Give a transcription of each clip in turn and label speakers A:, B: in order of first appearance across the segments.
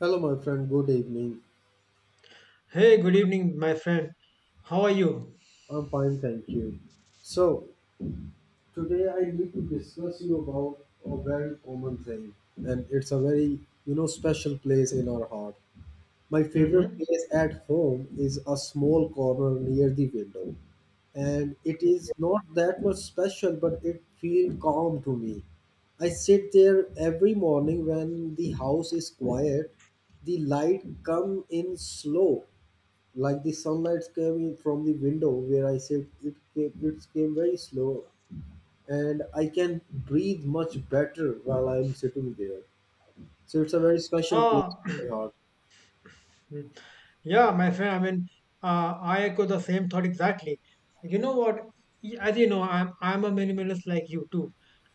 A: Hello, my friend. Good evening.
B: Hey, good evening, my friend. How are you?
A: I'm fine, thank you. So, today I need to discuss you about a very common thing, and it's a very, special place in our heart. My favorite
B: Mm-hmm.
A: place at home is a small corner near the window, and it is not that much special, but it feels calm to me. I sit there every morning when the house is quiet. The light come in slow like the sunlight came in from the window where I sit. It came very slow, and I can breathe much better while I'm sitting there. So it's a very special place
B: Ah,
A: in my heart.
B: yeah, my friend. I mean, I echo the same thought exactly. You know what? As you know, I'm a minimalist like you too.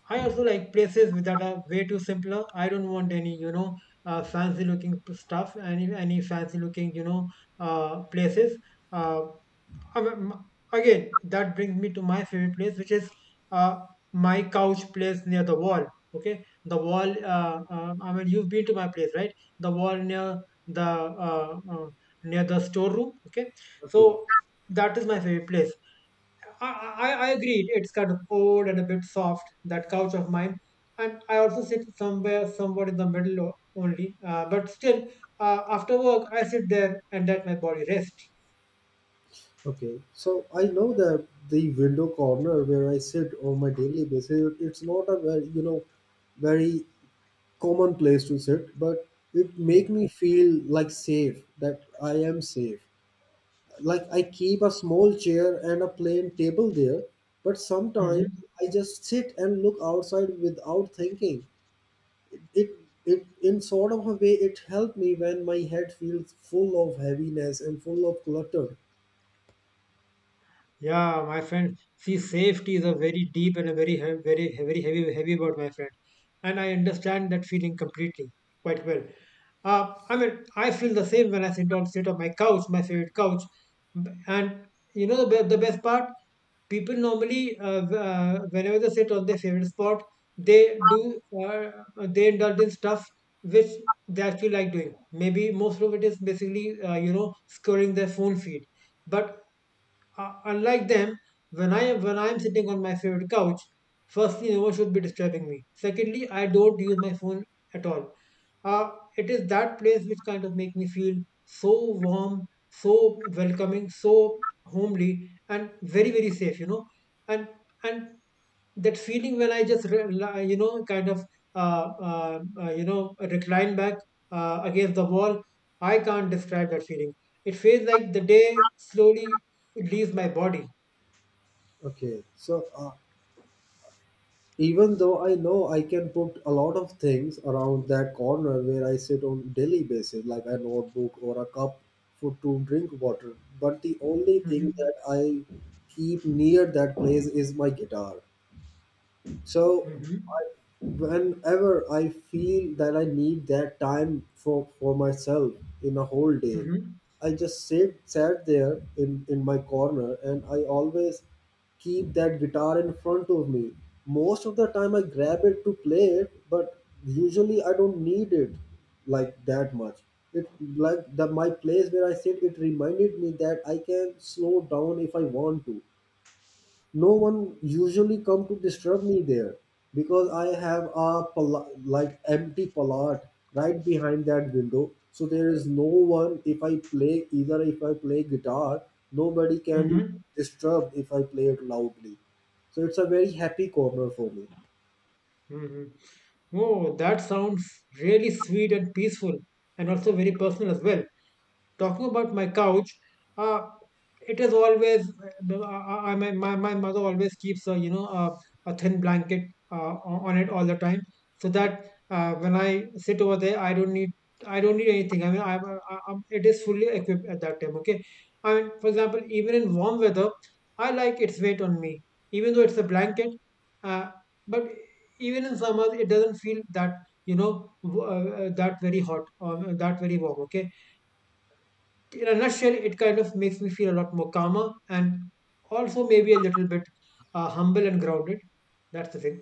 B: I also like places that are way too simpler. I don't want any, you know, fancy looking stuff, any fancy looking, you know, places. Uh, Again, that brings me to my favorite place, which is uh, my couch place near the wall. Okay, the wall. I mean, you've been to my place, right? The wall the uh, uh, near the storeroom. Okay,
A: Okay,
B: so that is my favorite place. I agree. It's kind of old and a bit soft. That couch of mine, and I also sit somewhere, somewhat in the middle only. But still, after work, I sit there and let my body rest.
A: okay. So I know that the window corner where I sit on my daily basis, it's not a very very common place to sit, but it make me feel like safe that I am safe. Like I keep a small chair and a plain table there, but sometimes
B: Mm-hmm.
A: I just sit and look outside without thinking. It, it, it in sort of a way, it helped me when my head feels full of heaviness and full of clutter.
B: Yeah, my friend. See, safety is a very deep and a very, very, very heavy, heavy word, my friend. And I understand that feeling completely, quite well. I mean, I feel the same when I sit on my couch, my favorite couch. And you know the the best part, people normally whenever they sit on their favorite spot, they do uh, they indulge in stuff which they actually like doing. Maybe most of it is basically you know scrolling their phone feed, but unlike them, when I'm sitting on my favorite couch, firstly, no one should be disturbing me. Secondly, I don't use my phone at all. Uh, it is that place which kind of make me feel so warm, so welcoming, so homely, and very very safe. You know, and and that feeling when I just you know kind of you know recline back against the wall. I can't describe that feeling. It feels like the day slowly leaves my body.
A: Okay, so even though I know I can put a lot of things around that corner where I sit on daily basis, like a notebook or a cup for to drink water, but the only thing
B: Hmm.
A: that I keep near that place is my guitar. So
B: Hmm.
A: I, whenever I feel that I need that time for myself in a whole day,
B: Hmm.
A: I just sit sat there in my corner and I always keep that guitar in front of me. Most of the time I grab it to play it, but usually I don't need it like that much. It like the my place where I sit, it reminded me that I can slow down if I want to. No one usually come to disturb me there because I have a like empty palate right behind that window, so there is no one if I play. Either if I play guitar, nobody can
B: Hmm.
A: disturb if I play it loudly. So it's a very happy corner for me.
B: Hmm. Oh, that sounds really sweet and peaceful, and also very personal as well. Talking about my couch, uh, it is always I, my mother always keeps a you know a thin blanket on it all the time, so that when I sit over there, I don't need anything. I mean, I it is fully equipped at that time. Okay, I mean, for example, even in warm weather, I like its weight on me, even though it's a blanket. Uh, but even in summers it doesn't feel that you know that very hot or that very warm, okay, in a nutshell it kind of makes me feel a lot more calmer and also maybe a little bit humble and grounded, that's the thing.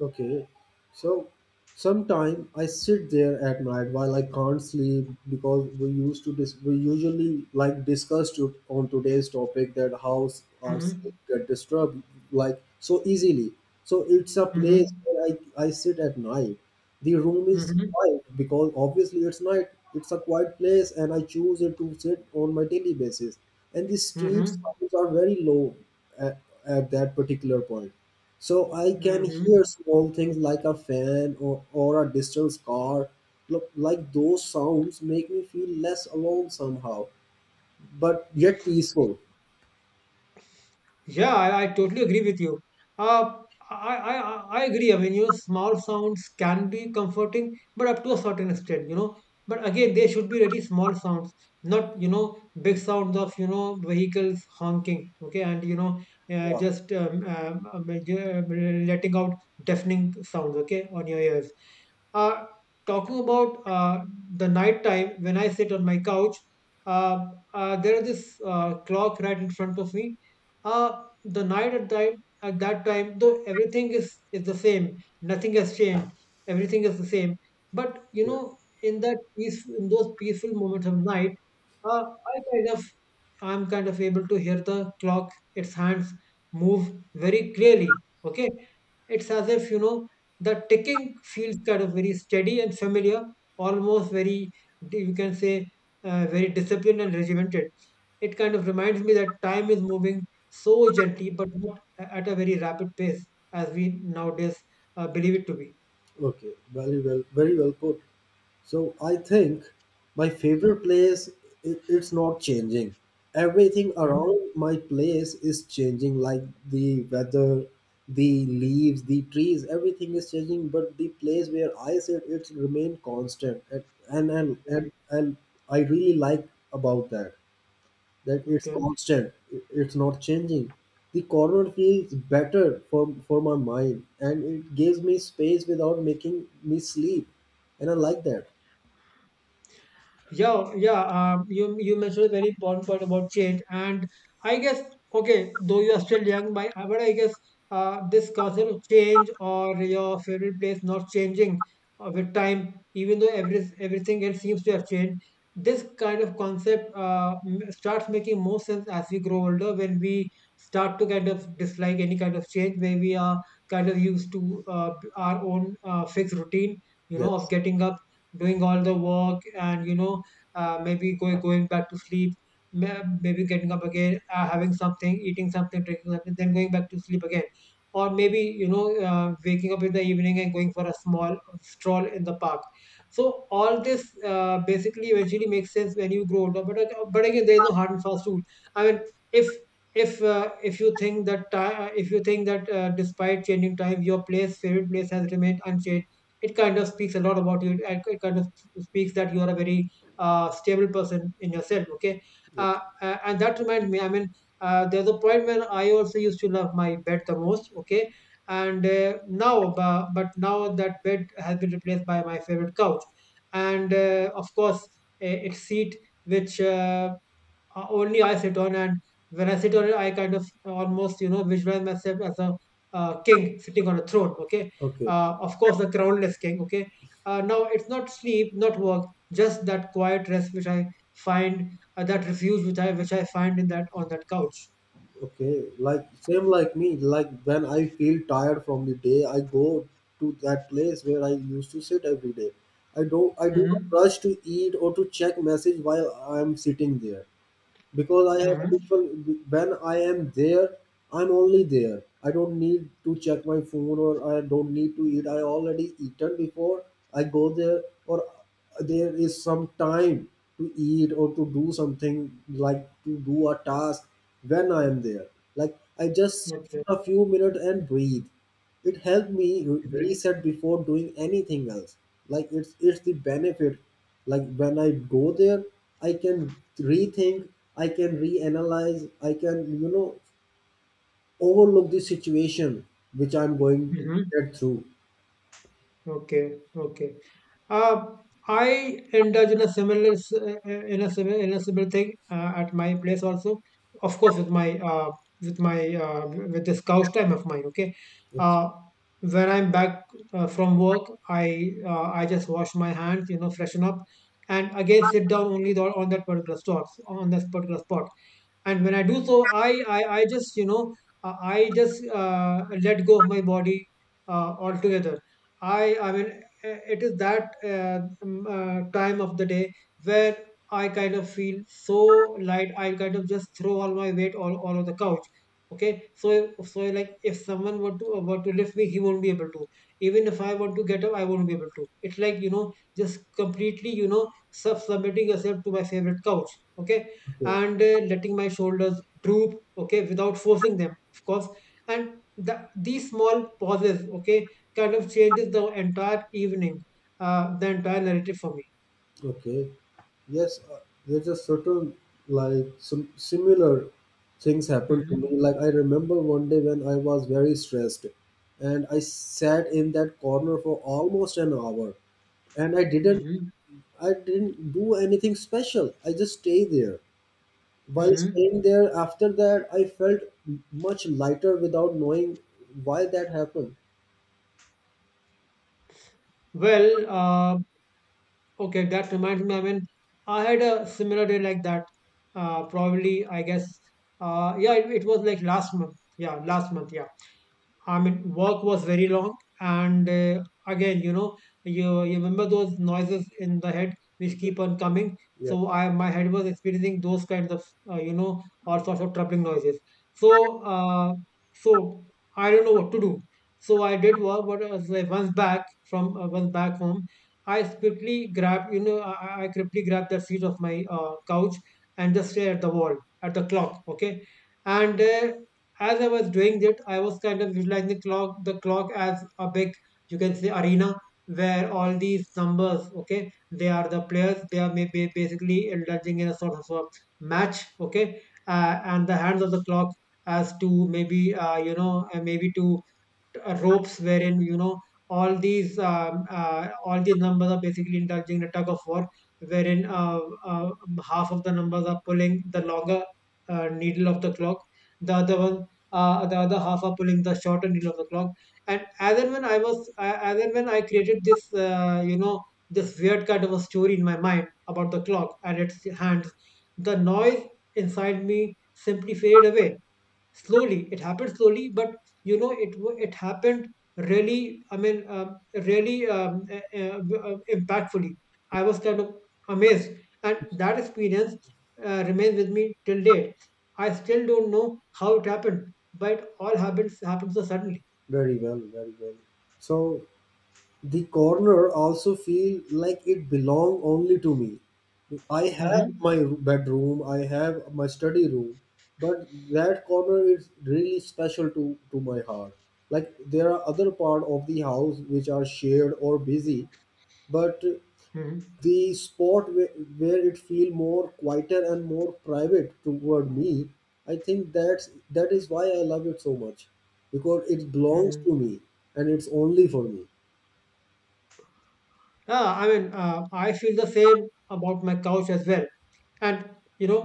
A: Okay, so sometime I sit there at night while I can't sleep because we used to we usually like discuss on today's topic that how our
B: Mm-hmm.
A: sleep get disturbed like so easily. So it's a place
B: Mm-hmm.
A: where I sit at night. The room is
B: Mm-hmm.
A: quiet because obviously it's night. It's a quiet place and I choose it to sit on my daily basis. And the street
B: Mm-hmm.
A: sounds are very low at, at that particular point. So I can hear
B: Mm-hmm.
A: small things like a fan or a distant car. Look, like those sounds make me feel less alone somehow, but yet peaceful.
B: Yeah, I totally agree with you. Uh, I agree. I mean, you know, small sounds can be comforting, but up to a certain extent. You know. But again, they should be really small sounds, not, you know, big sounds of, you know, vehicles honking, okay, and, you know,
A: Yeah,
B: just letting out deafening sounds, okay, on your ears. Uh, Talking about the night time, when I sit on my couch, uh, there is this clock right in front of me, the night at that time, though everything is the same, nothing has changed, everything is the same, but you
A: yeah.
B: know, in that peace in those peaceful moments of night, uh, I kind of I'm kind of able to hear the clock, its hands move very clearly, okay. It's as if you know the ticking feels kind of very steady and familiar, almost very, you can say, very disciplined and regimented. It kind of reminds me that time is moving so gently, but not at a very rapid pace as we nowadays believe it to be.
A: Okay, very well, very well put. So I think my favorite place it's not changing. Everything
B: Mhm.
A: around my place is changing, like the weather, the leaves, the trees, everything is changing. But the place where I sit, it's remained constant, and and and
B: Mhm.
A: and, and I really like about that that it's
B: Okay.
A: constant. It's not changing. The corner feels better for my mind, and it gives me space without making me sleep, and I like that.
B: Yeah, yeah. You mentioned a very important point about change, and I guess, okay, though you are still young, by but I guess this concept of change or your favorite place not changing with time, even though everything else seems to have changed, this kind of concept starts making more sense as we grow older, when we start to kind of dislike any kind of change where we are kind of used to our own fixed routine, you know, of
A: Yes.
B: getting up, doing all the work, and you know maybe going back to sleep, maybe getting up again, having something, eating something, drinking something, then going back to sleep again. Or maybe, you know, waking up in the evening and going for a small stroll in the park. So all this basically eventually makes sense when you grow older. But again, there is no hard and fast rule. I mean, if if you think that if you think that despite changing time, your place favorite place has remained unchanged, it kind of speaks a lot about you. It kind of speaks that you are a very stable person in yourself, okay.
A: Yes.
B: And that reminds me, I mean, there's a point when I also used to love my bed the most, okay. And now but now that bed has been replaced by my favorite couch, and of course a seat which only I sit on, and when I sit on it, I kind of almost, you know, visualize myself as a king sitting on a throne. Okay,
A: Okay.
B: of course, the crownless king. Okay, now it's not sleep, not work, just that quiet rest which I find, that refuge which I find in that on that couch.
A: Okay. Like same like me. Like when I feel tired from the day, I go to that place where I used to sit every day. I don't. I do not
B: Mm-hmm.
A: rush to eat or to check message while I'm sitting there, because I have a
B: Mm-hmm.
A: visual. When I am there, I'm only there. I don't need to check my phone or I don't need to eat. I already eaten before I go there, or there is some time to eat or to do something like to do a task when I am there. Like I just sit
B: Okay.
A: for a few minutes and breathe. It helped me
B: Mm-hmm.
A: reset before doing anything else. Like it's the benefit. Like when I go there, I can rethink, I can reanalyze, I can you know overlook the situation which I'm going to
B: Mm-hmm.
A: get through.
B: Okay. Okay. Uh, I indulge in a similar in a similar in a similar thing at my place also. Of course, with my with this couch time of mine. Okay,
A: It's
B: uh, when I'm back from work, I just wash my hands, you know, freshen up, and again sit down on this particular spot. And when I do so, I just you know I just let go of my body altogether. I mean, it is that time of the day where I kind of feel so light, I kind of just throw all my weight all over the couch, okay. So so like if someone were to lift me, he won't be able to. Even if I want to get up, I won't be able to. It's like you know, just completely you know submitting yourself to my favorite couch, okay.
A: okay.
B: And letting my shoulders droop, okay, without forcing them, of course. And these small pauses, okay, kind of changes the entire evening, the entire narrative for me.
A: Okay. Yes, there's a certain like some similar things happened to me.
B: Mm-hmm.
A: Like I remember one day when I was very stressed and I sat in that corner for almost an hour and
B: Mm-hmm.
A: I didn't do anything special. I just stay there. While
B: Mm-hmm.
A: staying there after that I felt much lighter without knowing why that happened.
B: Well, okay, that reminds me, I mean, I had a similar day like that, probably I guess, yeah, it was like last month, yeah last month, yeah. I mean, work was very long, and again, you know, you remember those noises in the head which keep on coming.
A: Yeah,
B: So I my head was experiencing those kinds of you know all sorts of troubling noises. So uh, so I don't know what to do. So I did work, but like once back home, I quickly grabbed, you know, I quickly grabbed the seat of my couch and just stared at the wall, at the clock. Okay, and as I was doing that, I was kind of visualizing the clock, as a big, you can say, arena where all these numbers, okay, they are the players. They are maybe basically indulging in a sort of a match, okay, and the hands of the clock as to maybe, maybe to ropes, wherein you know all these numbers are basically indulging in a tug of war, wherein uh, half of the numbers are pulling the longer needle of the clock, the other one, the other half are pulling the shorter needle of the clock. And as and when I was as and when I created this you know this weird kind of a story in my mind about the clock and its hands, the noise inside me simply faded away. Slowly it happened, slowly, but you know it happened, really, I mean really impactfully. I was kind of amazed, and that experience remains with me till date. I still don't know how it happened, but it all happens happened so suddenly.
A: very well, very well. So the corner also feel like it belong only to me. I have
B: Hmm.
A: my bedroom, I have my study room, but that corner is really special to my heart. Like there are other part of the house which are shared or busy, but
B: Hmm.
A: the spot where it feel more quieter and more private toward me. I think that is why I love it so much because it belongs
B: Hmm.
A: to me and it's only for me.
B: Yeah, I mean, I feel the same about my couch as well. And you know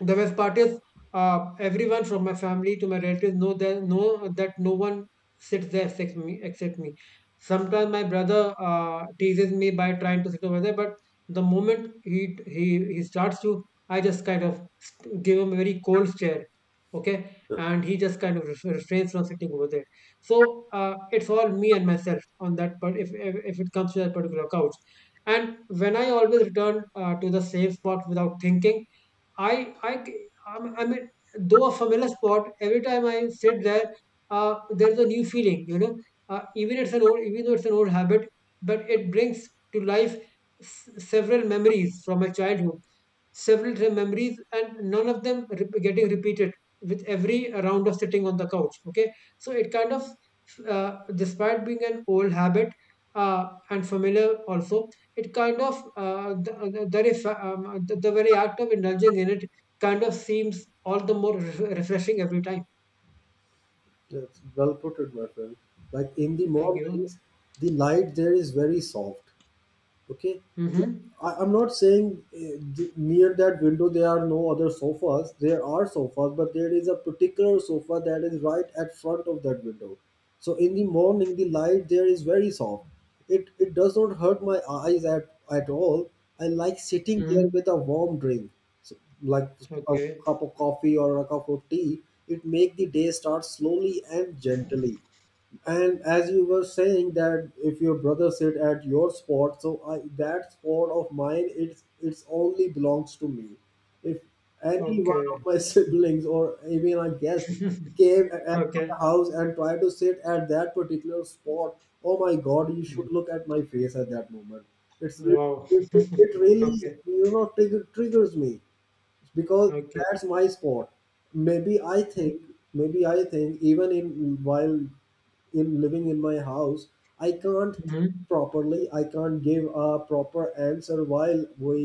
B: the best part is, everyone from my family to my relatives know that no one sits there except me, sometimes my brother teases me by trying to sit over there, but the moment he starts to, I just kind of give him a very cold stare. Okay, and he just kind of refrains from sitting over there. So it's all me and myself on that. But if it comes to that particular couch, and when I always return to the same spot without thinking, I I mean, though a familiar spot, every time I sit there, there's a new feeling, you know. Even though it's an old habit, but it brings to life several memories from my childhood, memories, and none of them getting repeated with every round of sitting on the couch. Okay, so it kind of, despite being an old habit uh, and familiar also, it kind of the, very fa- the very act of indulging in it kind of seems all the more refreshing every time.
A: That's well put it, my friend. Like in the
B: Thank you.
A: mornings, the light there is very soft. Okay,
B: Mm-hmm.
A: I'm not saying near that window there are no other sofas. There are sofas, but there is a particular sofa that is right at front of that window. So in the morning, the light there is very soft. It does not hurt my eyes at all. I like sitting there
B: Mm-hmm.
A: with a warm drink. So, like a
B: Okay.
A: cup of coffee or a cup of tea, it make the day start slowly and gently. And as you were saying that if your brother sit at your spot, so I, that spot of mine, it's only belongs to me. If any one of
B: Okay.
A: my siblings or even a guest came at my
B: Okay.
A: house and tried to sit at that particular spot, oh my God, you
B: Mhm.
A: should look at my face at that moment. It's really,
B: Wow.
A: it, it really
B: Okay.
A: triggers me because
B: Okay.
A: that's my sport. maybe i think Maybe I think even in while in living in my house, I can't
B: Mhm.
A: properly. I can't give a proper answer while we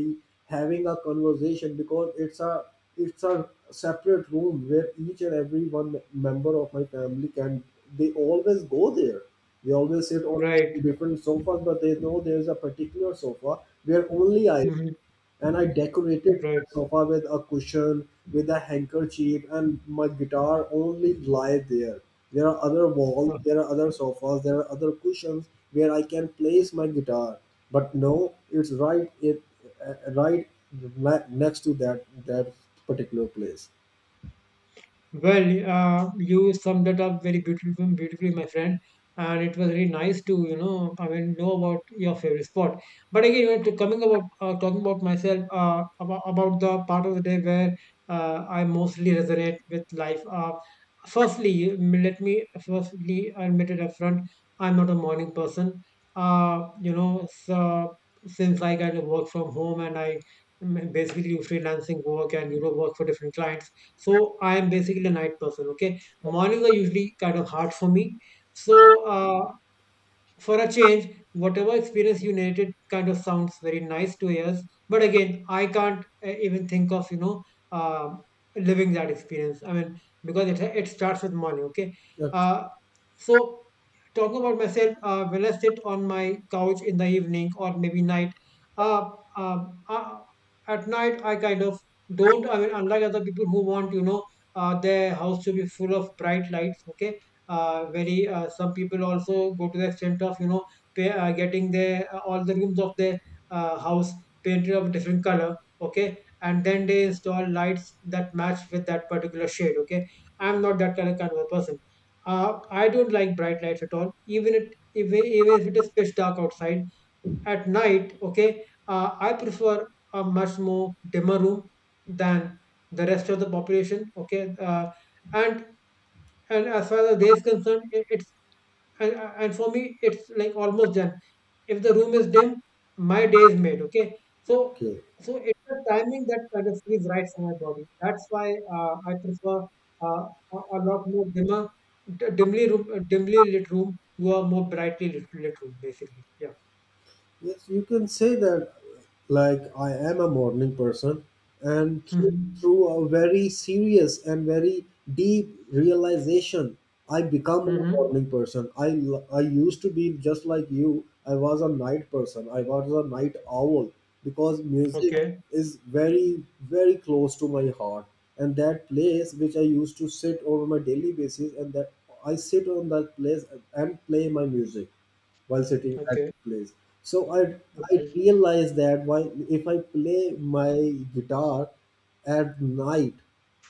A: having a conversation because it's a separate room where each and every one member of my family can. They always go there, they always sit on
B: Right.
A: different sofas, but they know there's a particular sofa where only I sit.
B: Mhm.
A: And I decorated
B: Right.
A: the sofa with a cushion, with a handkerchief, and my guitar only lie there. There are other walls, there are other sofas, there are other cushions where I can place my guitar. But no, it's right it right next to that particular place.
B: Well, you summed it up very beautifully, beautifully, my friend. And it was really nice to, you know, I mean, know about your favorite spot. But again, you know, to coming about talking about myself, about the part of the day where I mostly resonate with life. Firstly, let me firstly admit it upfront: I'm not a morning person. You know, so, since I kind of work from home and I basically do freelancing work and you know work for different clients, so I am basically a night person. Okay, mornings are usually kind of hard for me. So Mm. uh, for a change, whatever experience you narrated kind of sounds very nice to ears, but again, I can't even think of you know uh, living that experience. I mean, because it starts with money. Okay, uh, so talking about myself, when I sit on my couch in the evening or maybe night, uh, uh, uh, at night I kind of don't. I mean, unlike other people who want you know their house to be full of bright lights. Okay, very some people also go to the extent of you know getting their all the rooms of their house painted of different color. Okay, and then they install lights that match with that particular shade. Okay, I'm not that kind of a person. I don't like bright lights at all, even if it is pitch dark outside at night. Okay, I prefer a much more dimmer room than the rest of the population. Okay, and and as far as the day is concerned, it's, and, and for me it's like almost done. If the room is dim, my day is made. Okay. so
A: Okay.
B: so it's the timing that kind of feels right for my body, that's why I prefer uh, a lot more dimmer dimly room, dimly lit, room to a more brightly lit room basically. Yeah.
A: Yes, you can say that like I am a morning person, and
B: Mm-hmm.
A: through a very serious and very deep realization, I become a
B: Mm-hmm.
A: morning person. I used to be just like you. I was a night person. I was a night owl because music
B: Okay.
A: is very very close to my heart, and that place which I used to sit over my daily basis, and that I sit on that place and play my music while sitting at
B: Okay.
A: place. So I
B: Okay.
A: realized that why if I play my guitar at night,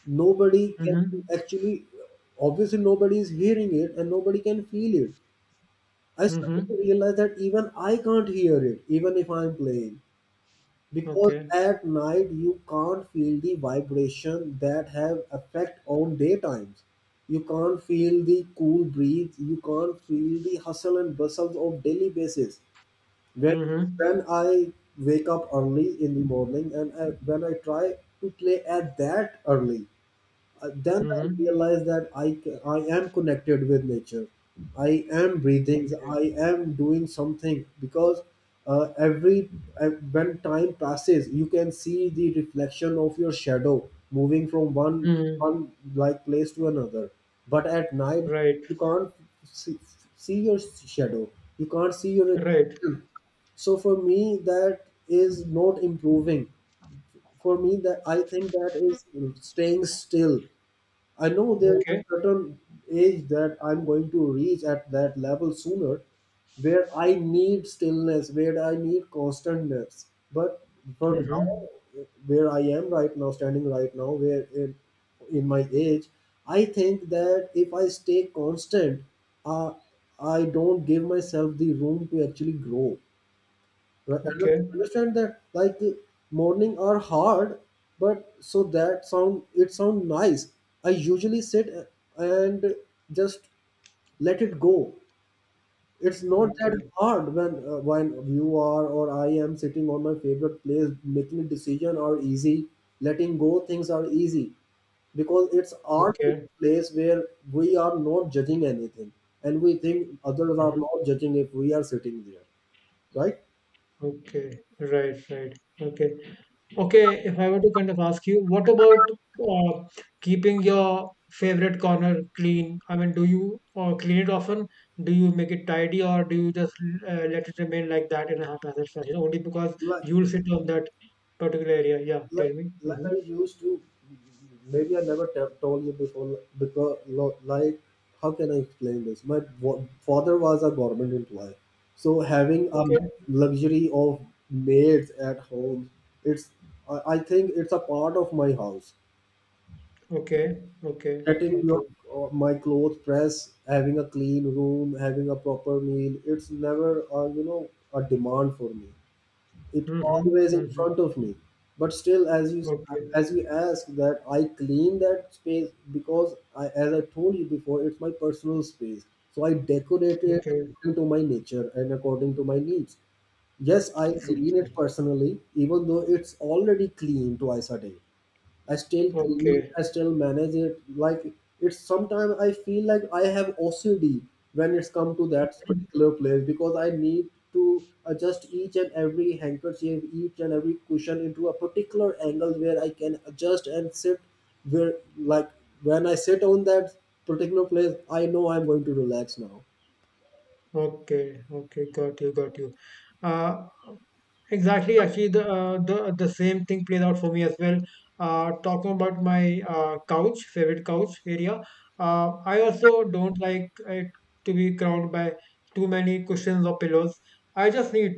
A: nobody can
B: Mm-hmm.
A: actually, obviously nobody is hearing it and nobody can feel it. I started to
B: Mm-hmm.
A: realize that even I can't hear it, even if I'm playing. Because
B: Okay.
A: at night you can't feel the vibration that have effect on daytimes. You can't feel the cool breeze. You can't feel the hustle and bustle of daily basis when
B: Mm-hmm.
A: I wake up early in the morning and I, when I try to play at that early, then I
B: Mm-hmm.
A: realize that I am connected with nature. I am breathing.
B: Okay.
A: I am doing something because every when time passes, you can see the reflection of your shadow moving from
B: Mm-hmm.
A: one like place to another. But at night,
B: Right.
A: you can't see, see your shadow. You can't see your.
B: Right.
A: So for me that is not improving. For me that I think that is staying still. I know there is a
B: Okay.
A: certain age that I'm going to reach at that level sooner, where I need stillness, where I need constantness. But for now,
B: Mm-hmm.
A: where I am right now standing right now where in my age, I think that if I stay constant, uh, I don't give myself the room to actually grow. Right, and I
B: Okay.
A: understand that like morning are hard, but so that sound it sound nice. I usually sit and just let it go. It's not that
B: Okay.
A: hard when you are or I am sitting on my favorite place, making a decision are easy. Letting go things are easy because it's our
B: Okay.
A: place where we are not judging anything and we think others are
B: Mm-hmm.
A: not judging if we are sitting there, right?
B: Okay. Right. Right. Okay. Okay. If I were to kind of ask you, what about uh, keeping your favorite corner clean? I mean, do you clean it often? Do you make it tidy, or do you just let it remain like that in a haphazard fashion only because
A: Like
B: you'll sit on that particular area? Yeah.
A: like,
B: Tell me.
A: like
B: Mm-hmm.
A: I used to, maybe I never told you before because like how can I explain this? My father was a government employee, so having a
B: Okay.
A: luxury of maids at home, it's I think it's a part of my house.
B: Okay. Okay.
A: Getting your
B: Okay.
A: my clothes pressed, having a clean room, having a proper meal, it's never a demand for me. It's
B: Mm-hmm.
A: always in
B: Mm-hmm.
A: front of me. But still, as you
B: Okay.
A: as you ask that, I clean that space because I, as I told you before, it's my personal space. So I decorate it
B: Okay.
A: according to my nature and according to my needs. Yes, I clean it
B: Okay.
A: personally, even though it's already clean twice a day. I still clean,
B: Okay.
A: I still manage it. Like it's sometimes I feel like I have OCD when it's come to that particular place because I need to adjust each and every handkerchief, each and every cushion into a particular angle where I can adjust and sit where like when I sit on that particular place, I know I'm going to relax now.
B: Okay. Okay. Got you. Got you. Uh, exactly. Actually, the the same thing played out for me as well. Talking about my couch, favorite couch area. I also don't like it to be crowned by too many cushions or pillows. I just need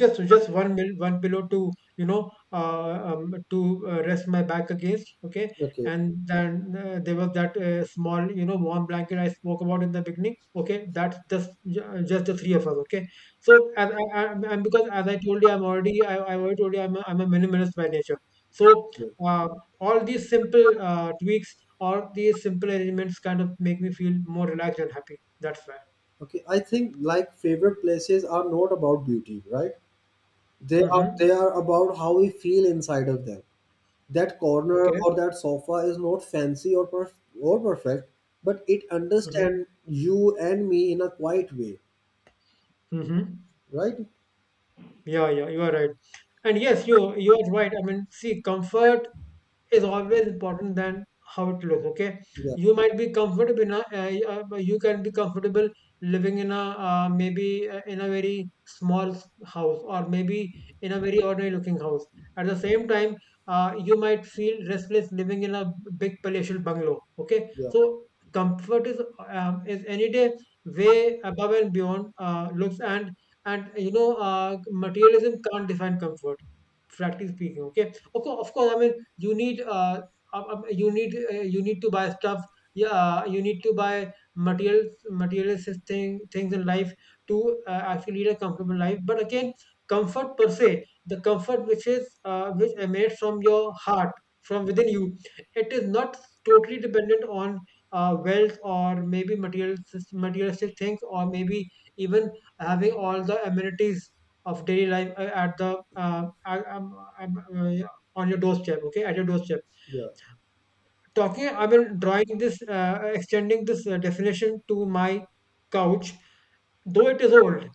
B: just one pillow to you know to rest my back against. Okay,
A: Okay.
B: and then there was that small you know warm blanket I spoke about in the beginning. Okay, that's just just the three of us. Okay, so I, and because as I told you I'm already I already told you I'm a minimalist by nature. So
A: Good.
B: uh, all these simple tweaks, all these simple arrangements kind of make me feel more relaxed and happy, that's why.
A: Okay. I think like favorite places are not about beauty, right? They are
B: Mm-hmm.
A: they are about how we feel inside of them. That corner
B: Okay.
A: or that sofa is not fancy or perfect, but it
B: Mm-hmm.
A: understands you and me in a quiet way,
B: Mm-hmm.
A: right?
B: Yeah, yeah, you are right. And yes, you are right. I mean, see, comfort is always important than how it looks. Okay,
A: Yeah,
B: you might be comfortable you can be comfortable living in a maybe in a very small house or maybe in a very ordinary looking house. At the same time, you might feel restless living in a big palatial bungalow. Okay,
A: yeah,
B: so comfort is any day way above and beyond looks and you know, materialism can't define comfort practically speaking. Okay, of course, of course, I mean you need you need you need to buy stuff. Yeah, you need to buy materials, things in life to actually lead a comfortable life. But again, comfort per se, the comfort which is which emanates from your heart, from within you, it is not totally dependent on wealth or maybe materialistic things or maybe even having all the amenities of daily life at the I- I'm, on your doorstep. Okay, at your doorstep.
A: yeah.
B: Talking, I mean drawing this extending this definition to my couch, though it is old.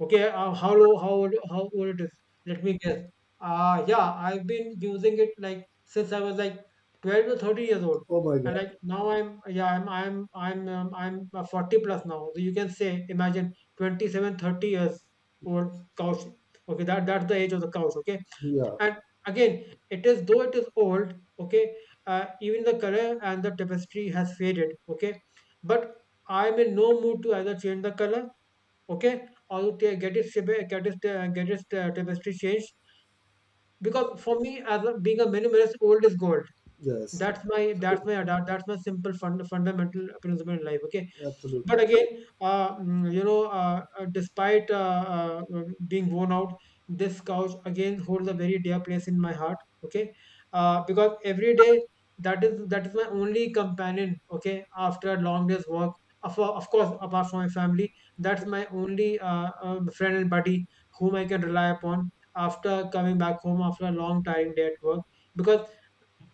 B: Okay, how old it is, let me guess. Yeah, I've been using it like since I was like 12 to 30 years old.
A: Oh my
B: And like
A: God.
B: now I'm, yeah, I'm 40 plus now, so you can say imagine 27-30 years old couch. Okay, that's the age of the couch. Okay,
A: Yeah,
B: and again, it is, though it is old. Okay, even the color and the tapestry has faded. Okay, but I am in no mood to either change the color, okay, or you ta- get it shiv- get it tapestry changed. Because for me, as a, being a minimalist, old is gold.
A: yes.
B: That's my,
A: Absolutely.
B: that's my simple fundamental principle in life. Okay,
A: Absolutely.
B: but again, you know, despite being worn out, this couch again holds a very dear place in my heart. Okay, because every day, that is my only companion. Okay, after a long day's work, of course, apart from my family, that's my only friend and buddy whom I can rely upon after coming back home after a long tiring day at work. Because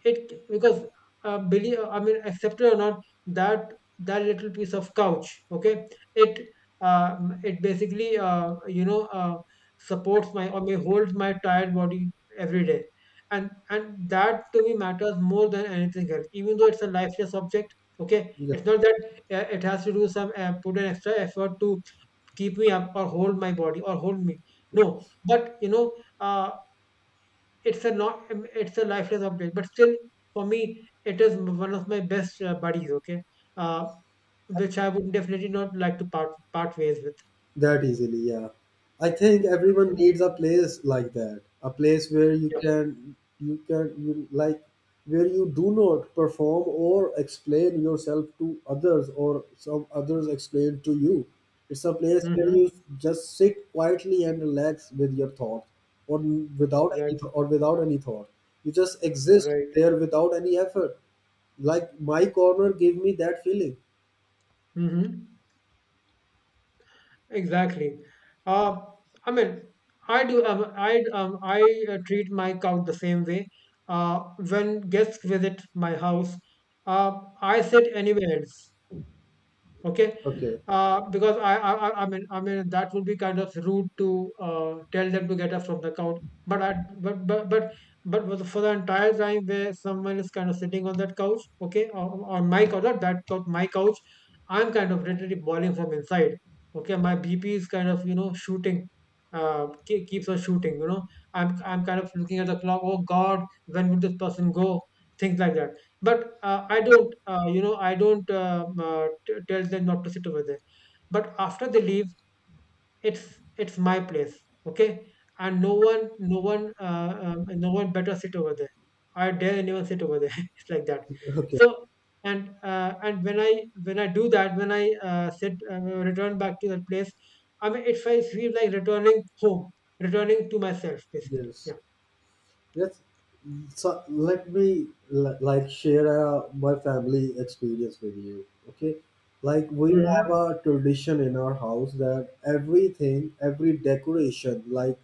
B: it because believe, I mean accept it or not, that that little piece of couch, okay, it it basically you know supports my or may holds my tired body every day. And that to me matters more than anything else, even though it's a lifeless object. Okay, it's not that it has to do some put an extra effort to keep me up or hold my body or hold me. No, but you know uh, it's a not it's a lifeless object, but still for me it is one of my best buddies. Okay, uh, which I would definitely not like to part ways with.
A: That easily, yeah. I think everyone
B: Mhm.
A: needs a place like that, a place where you
B: Yeah.
A: can, you can, you like, where you do not perform or explain yourself to others or some others explain to you. It's a place where
B: Mm-hmm.
A: you just sit quietly and relax with your thoughts, or without any
B: Exactly.
A: thought. You just exist
B: Right.
A: there without any effort. Like my corner gave me that feeling.
B: Mm-hmm. Exactly. Uh, I mean, I do. I treat my couch the same way. Uh, when guests visit my house, I sit anywhere else. Okay,
A: Okay.
B: because I I mean that would be kind of rude to tell them to get up from the couch. But I but for the entire time where someone is kind of sitting on that couch, okay, on my couch, not that couch, my couch, I'm kind of literally boiling from inside. Okay, my bp is kind of you know shooting, keeps on shooting, you know. I'm kind of looking at the clock, oh god, when will this person go, things like that. But I don't, you know, I don't tell them not to sit over there. But after they leave, it's my place, okay? And no one, no one, no one better sit over there. I dare anyone sit over there. It's like that.
A: Okay.
B: So and when I do that, when I sit return back to that place, I mean, it's I feel like returning home, returning to myself, basically.
A: Yes.
B: Yeah.
A: Yes. So let me share my family experience with you. Okay, like we have
B: Mm-hmm.
A: a tradition in our house that everything, every decoration, like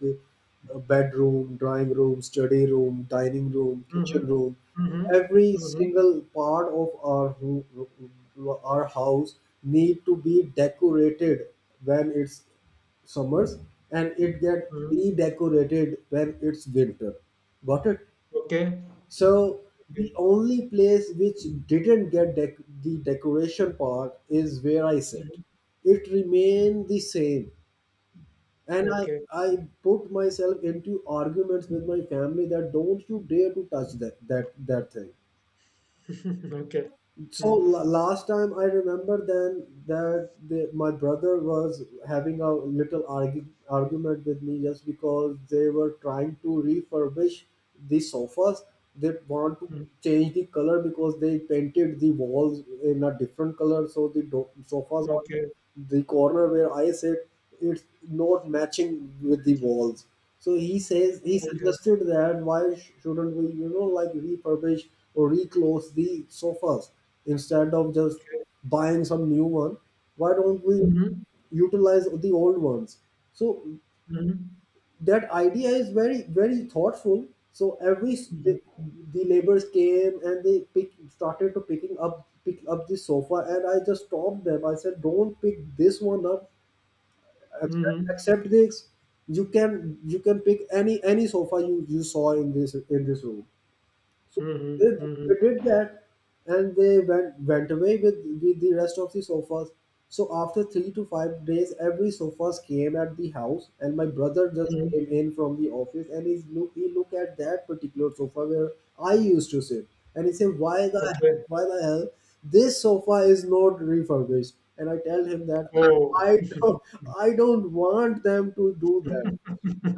A: a bedroom, drawing room, study room, dining room,
B: Mm-hmm.
A: kitchen room,
B: Mm-hmm.
A: every
B: Mm-hmm.
A: single part of our our house need to be decorated when it's summers, and it get
B: Mm-hmm.
A: redecorated when it's winter. Got it?
B: Okay.
A: So
B: Okay.
A: the only place which didn't get the decoration part is where I sit.
B: Mhm.
A: It remained the same, and I
B: Okay.
A: I put myself into arguments with my family that don't you dare to touch that thing.
B: Okay.
A: So
B: Mm,
A: last time I remember then that the, my brother was having a little argument with me just because they were trying to refurbish the sofas. They want to
B: mm.
A: change the color because they painted the walls in a different color, so the sofas are
B: Okay.
A: the corner where I sit, it's not matching with the walls. So he says he
B: Okay.
A: suggested that why shouldn't we, you know, like refurbish or reclose the sofas instead of just
B: Okay.
A: buying some new one? Why don't we
B: Mhm.
A: utilize the old ones? So
B: Mhm.
A: that idea is very thoughtful. So
B: Mhm.
A: the laborers came and they started to pick up the sofa, and I just stopped them. I said don't pick this one up. Accept
B: Mhm.
A: Except this, you can, you can pick any sofa you saw in this, in this room. So they,
B: Mhm.
A: they
B: Mhm.
A: did that, and they went away with the rest of the sofas. So after three to five days, every sofas came at the house, and my brother just
B: Mhm.
A: came in from the office, and he look at that particular sofa where I used to sit, and he said,
B: Okay.
A: why the hell this sofa is not refurbished?" And I tell him that
B: Oh.
A: I don't I don't want them to do that.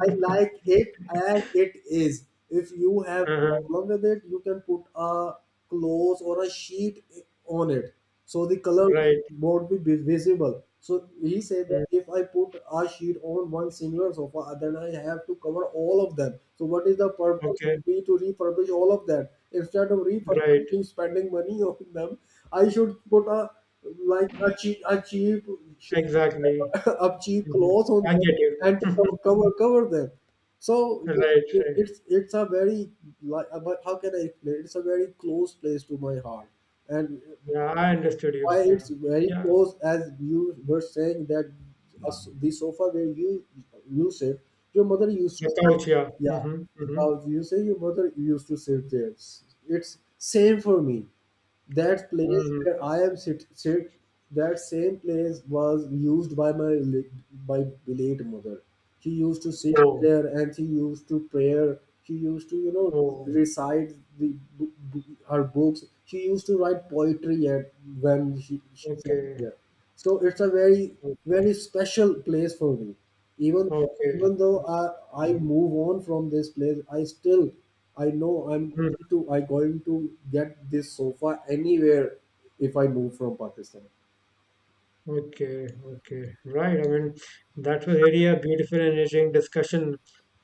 A: I like it as it is. If you have
B: Uh-huh.
A: problem with it, you can put a cloth or a sheet on it, so the color
B: Right.
A: won't be visible. So he said that
B: Mm.
A: if I put a sheet on one singular sofa, then I have to cover all of them. So what is the purpose
B: Okay.
A: for me to refurbish all of that? Instead of
B: Right.
A: refurbishing, spending money on them, I should put a like a cheap
B: Exactly.
A: up cheap
B: Mhm.
A: clothes on
B: I
A: them
B: get you.
A: and to cover them. So it-
B: Right. Right.
A: it's it's a very like but how can I explain? It's a very close place to my heart, and
B: Yeah. I understood you.
A: why
B: Yeah.
A: it's very
B: Yeah.
A: close, as you were saying, that a s the sofa where you sit, your mother used
B: The
A: to,
B: couch. Yeah.
A: yeah,
B: Mm-hmm. Mm-hmm.
A: you say your mother used to sit there. It's same for me. That place
B: Mm-hmm.
A: where I am sit sit that same place was used by my by late mother. She used to sit
B: Oh.
A: there, and she used to prayer. She used to, you know,
B: Oh.
A: recite her books. She used to write poetry at when she sat
B: Okay.
A: there. So it's a very
B: Okay.
A: very special place for me. Even
B: Okay.
A: though I
B: Mm-hmm.
A: move on from this place, I still, I know I'm
B: Mm.
A: to, I going to get this sofa anywhere if I move from Pakistan.
B: Okay, okay, right. I mean, that was really a beautiful and enriching discussion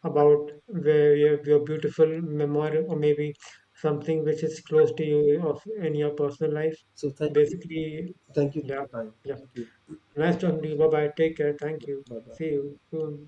B: about your beautiful memory, or maybe something which is close to you of in your personal life.
A: So thank you,
B: Basically,
A: thank you for
B: yeah,
A: your time,
B: yeah.
A: thank you,
B: Nice talking to you. Bye bye. Take care. Thank you.
A: bye bye.
B: See you soon.